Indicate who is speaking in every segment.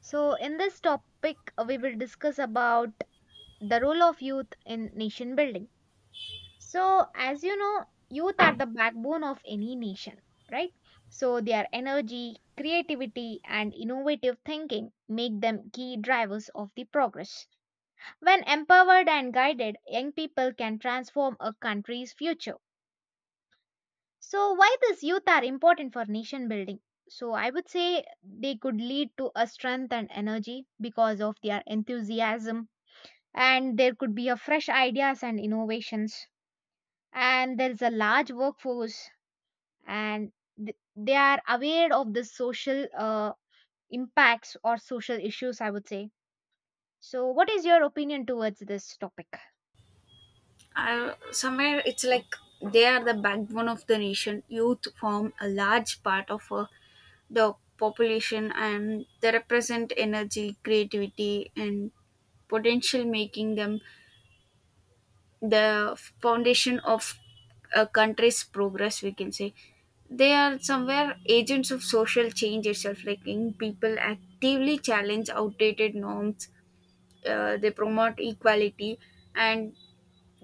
Speaker 1: So, in this topic, we will discuss about the role of youth in nation building. So, as you know, youth are the backbone of any nation, right? So, their energy, creativity, and innovative thinking make them key drivers of the progress. When empowered and guided, young people can transform a country's future. So, why this youth are important for nation building? So, I would say they could lead to a strength and energy because of their enthusiasm, and there could be a fresh ideas and innovations, and there is a large workforce, and they are aware of the social impacts or social issues, I would say. So what is your opinion towards this topic?
Speaker 2: I, somewhere it's like they are the backbone of the nation. Youth form a large part of the population, and they represent energy, creativity, and potential, making them the foundation of a country's progress. We can say they are somewhere agents of social change itself. Like, young people actively challenge outdated norms, they promote equality, and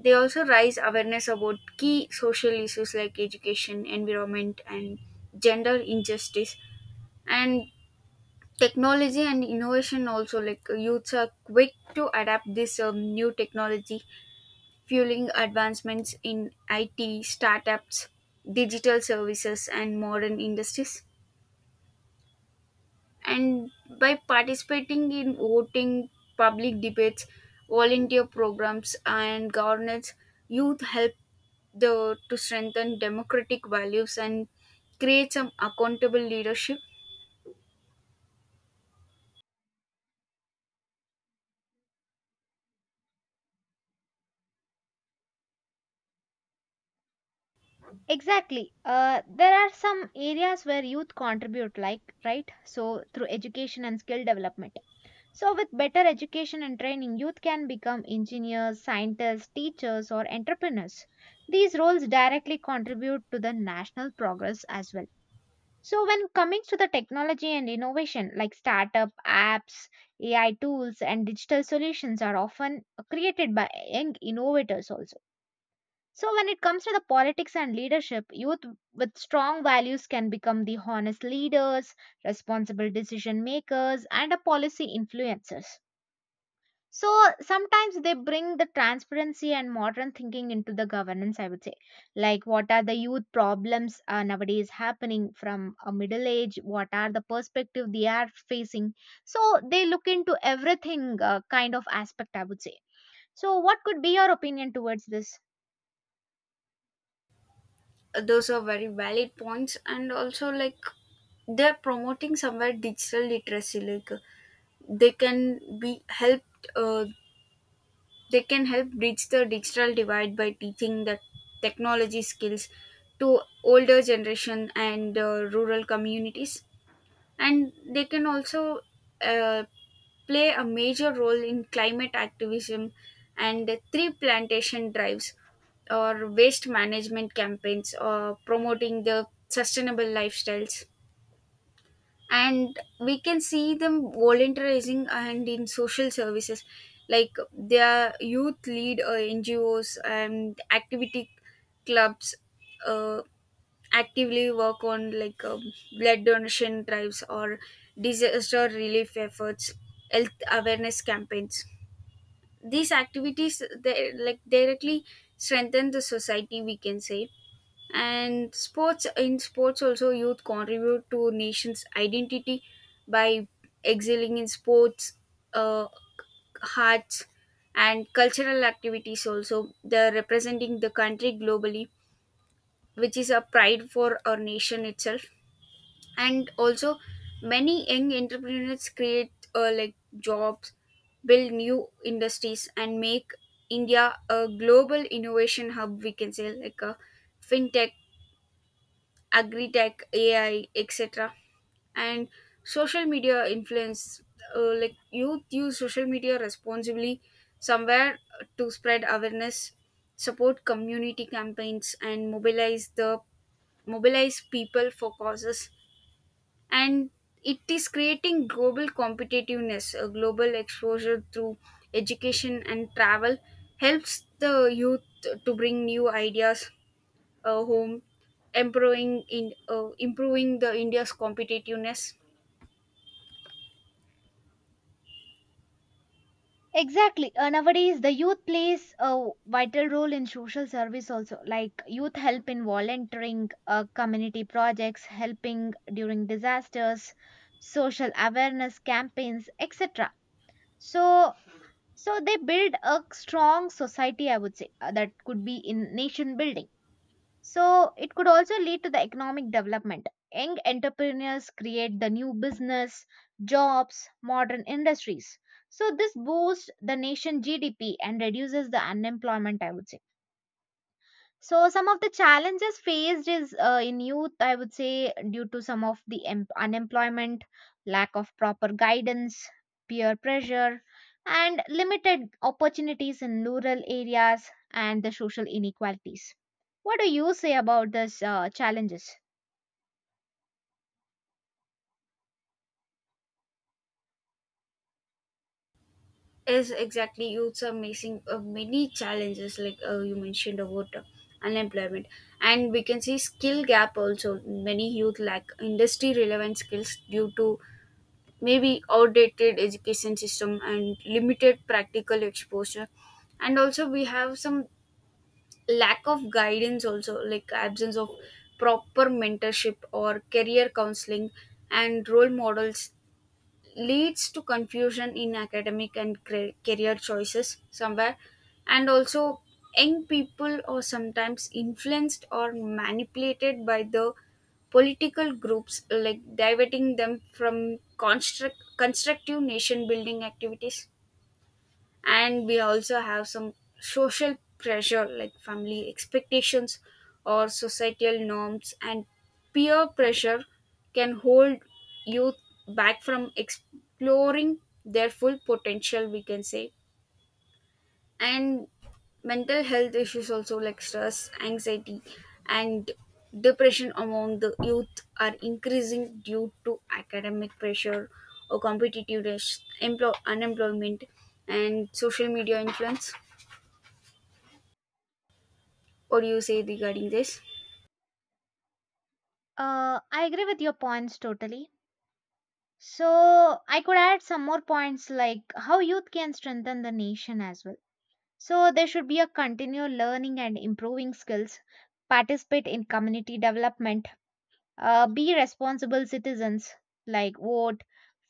Speaker 2: they also raise awareness about key social issues like education, environment, and gender injustice. And technology and innovation also, like, youths are quick to adapt this new technology, fueling advancements in IT, startups, digital services, and modern industries. And by participating in voting, public debates, volunteer programs, and governance, youth help the to strengthen democratic values and create some accountable leadership.
Speaker 1: Exactly. There are some areas where youth contribute, like, right, so through education and skill development. So, with better education and training, youth can become engineers, scientists, teachers, or entrepreneurs. These roles directly contribute to the national progress as well. So, when coming to the technology and innovation, like startup apps, AI tools, and digital solutions are often created by young innovators also. So, when it comes to the politics and leadership, youth with strong values can become the honest leaders, responsible decision makers, and a policy influencers. So sometimes they bring the transparency and modern thinking into the governance, I would say. Like, what are the youth problems nowadays happening from a middle age? What are the perspective they are facing? So they look into everything, kind of aspect, I would say. So, what could be your opinion towards this?
Speaker 2: Those are very valid points, and also, like, they're promoting somewhere digital literacy, like they can be helped. Uh, They can help bridge the digital divide by teaching the technology skills to older generation and rural communities, and they can also uh, play a major role in climate activism and tree plantation drives, or waste management campaigns, or promoting the sustainable lifestyles. And we can see them volunteerizing and in social services, like their youth lead ngos and activity clubs uh, actively work on like blood donation drives, or disaster relief efforts, health awareness campaigns. These activities, they like directly strengthen the society, we can say. And sports, in sports also, youth contribute to nation's identity by excelling in sports, uh, arts, and cultural activities. Also they're representing the country globally, which is a pride for our nation itself. And also many young entrepreneurs create like jobs, build new industries, and make India a global innovation hub, we can say, like a fintech, agri tech, AI, etc. And social media influence, like youth use social media responsibly somewhere to spread awareness, support community campaigns, and mobilize people for causes. And it is creating global competitiveness. A global exposure through education and travel helps the youth to bring new ideas home, improving the India's competitiveness.
Speaker 1: Exactly. Nowadays, the youth plays a vital role in social service also. Like youth help in volunteering, community projects, helping during disasters, social awareness campaigns, etc. So, so, they build a strong society. I would say that could be in nation building. So it could also lead to the economic development. Young entrepreneurs create the new business, jobs, modern industries. So this boosts the nation GDP and reduces the unemployment, I would say. So some of the challenges faced is in youth, I would say, due to some of the unemployment, lack of proper guidance, peer pressure, and limited opportunities in rural areas and the social inequalities. What do you say about these challenges?
Speaker 2: Is exactly youths are facing many challenges, like you mentioned about unemployment, and we can see skill gap also. Many youth lack industry relevant skills due to maybe outdated education system and limited practical exposure. And also we have some lack of guidance also, like absence of proper mentorship or career counseling and role models leads to confusion in academic and career choices somewhere. And also young people are sometimes influenced or manipulated by the political groups, like diverting them from constructive nation building activities. And we also have some social pressure like family expectations or societal norms and peer pressure can hold youth back from exploring their full potential, we can say. And mental health issues also like stress, anxiety, and depression among the youth are increasing due to academic pressure or competitiveness, unemployment, and social media influence. What do you say regarding this?
Speaker 1: I agree with your points totally. So I could add some more points like how youth can strengthen the nation as well. So there should be a continual learning and improving skills, participate in community development, be responsible citizens like vote,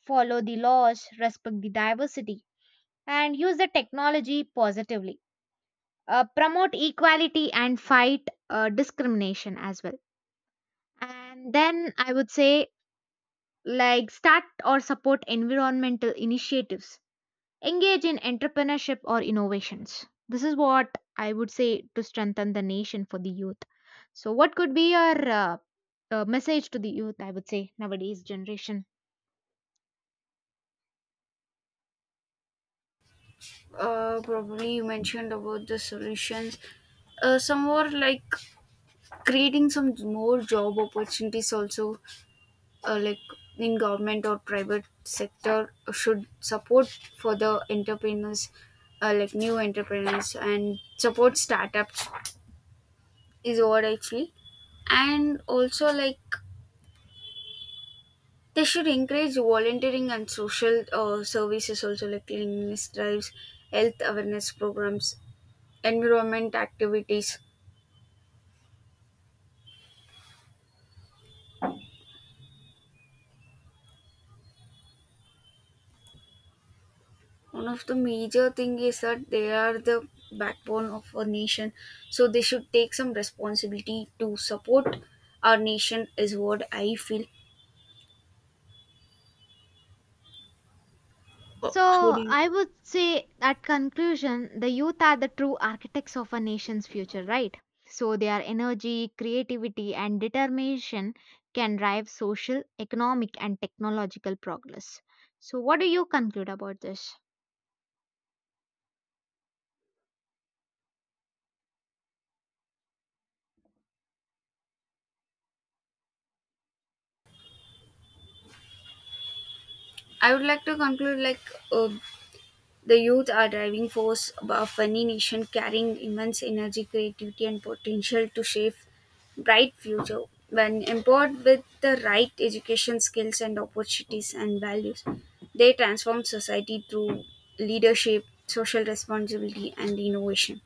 Speaker 1: follow the laws, respect the diversity, and use the technology positively. Promote equality and fight discrimination as well. And then I would say, like, start or support environmental initiatives, engage in entrepreneurship or innovations. This is what I would say to strengthen the nation for the youth. So, what could be your message to the youth? I would say nowadays generation.
Speaker 2: Probably you mentioned about the solutions, some more like creating some more job opportunities also, like in government or private sector should support for the entrepreneurs, like new entrepreneurs, and support startups is what actually. And also like they should encourage volunteering and social services also like cleanliness drives, health awareness programs, environment activities. One of the major thing is that they are the backbone of a nation, so they should take some responsibility to support our nation is what I feel. What
Speaker 1: So,
Speaker 2: do you-
Speaker 1: I would say at conclusion, the youth are the true architects of a nation's future, right? So, their energy, creativity, and determination can drive social, economic, and technological progress. So, what do you conclude about this?
Speaker 2: I would like to conclude like uh, the youth are driving force of any nation, carrying immense energy, creativity, and potential to shape bright future. When empowered with the right education, skills, and opportunities and values, they transform society through leadership, social responsibility, and innovation.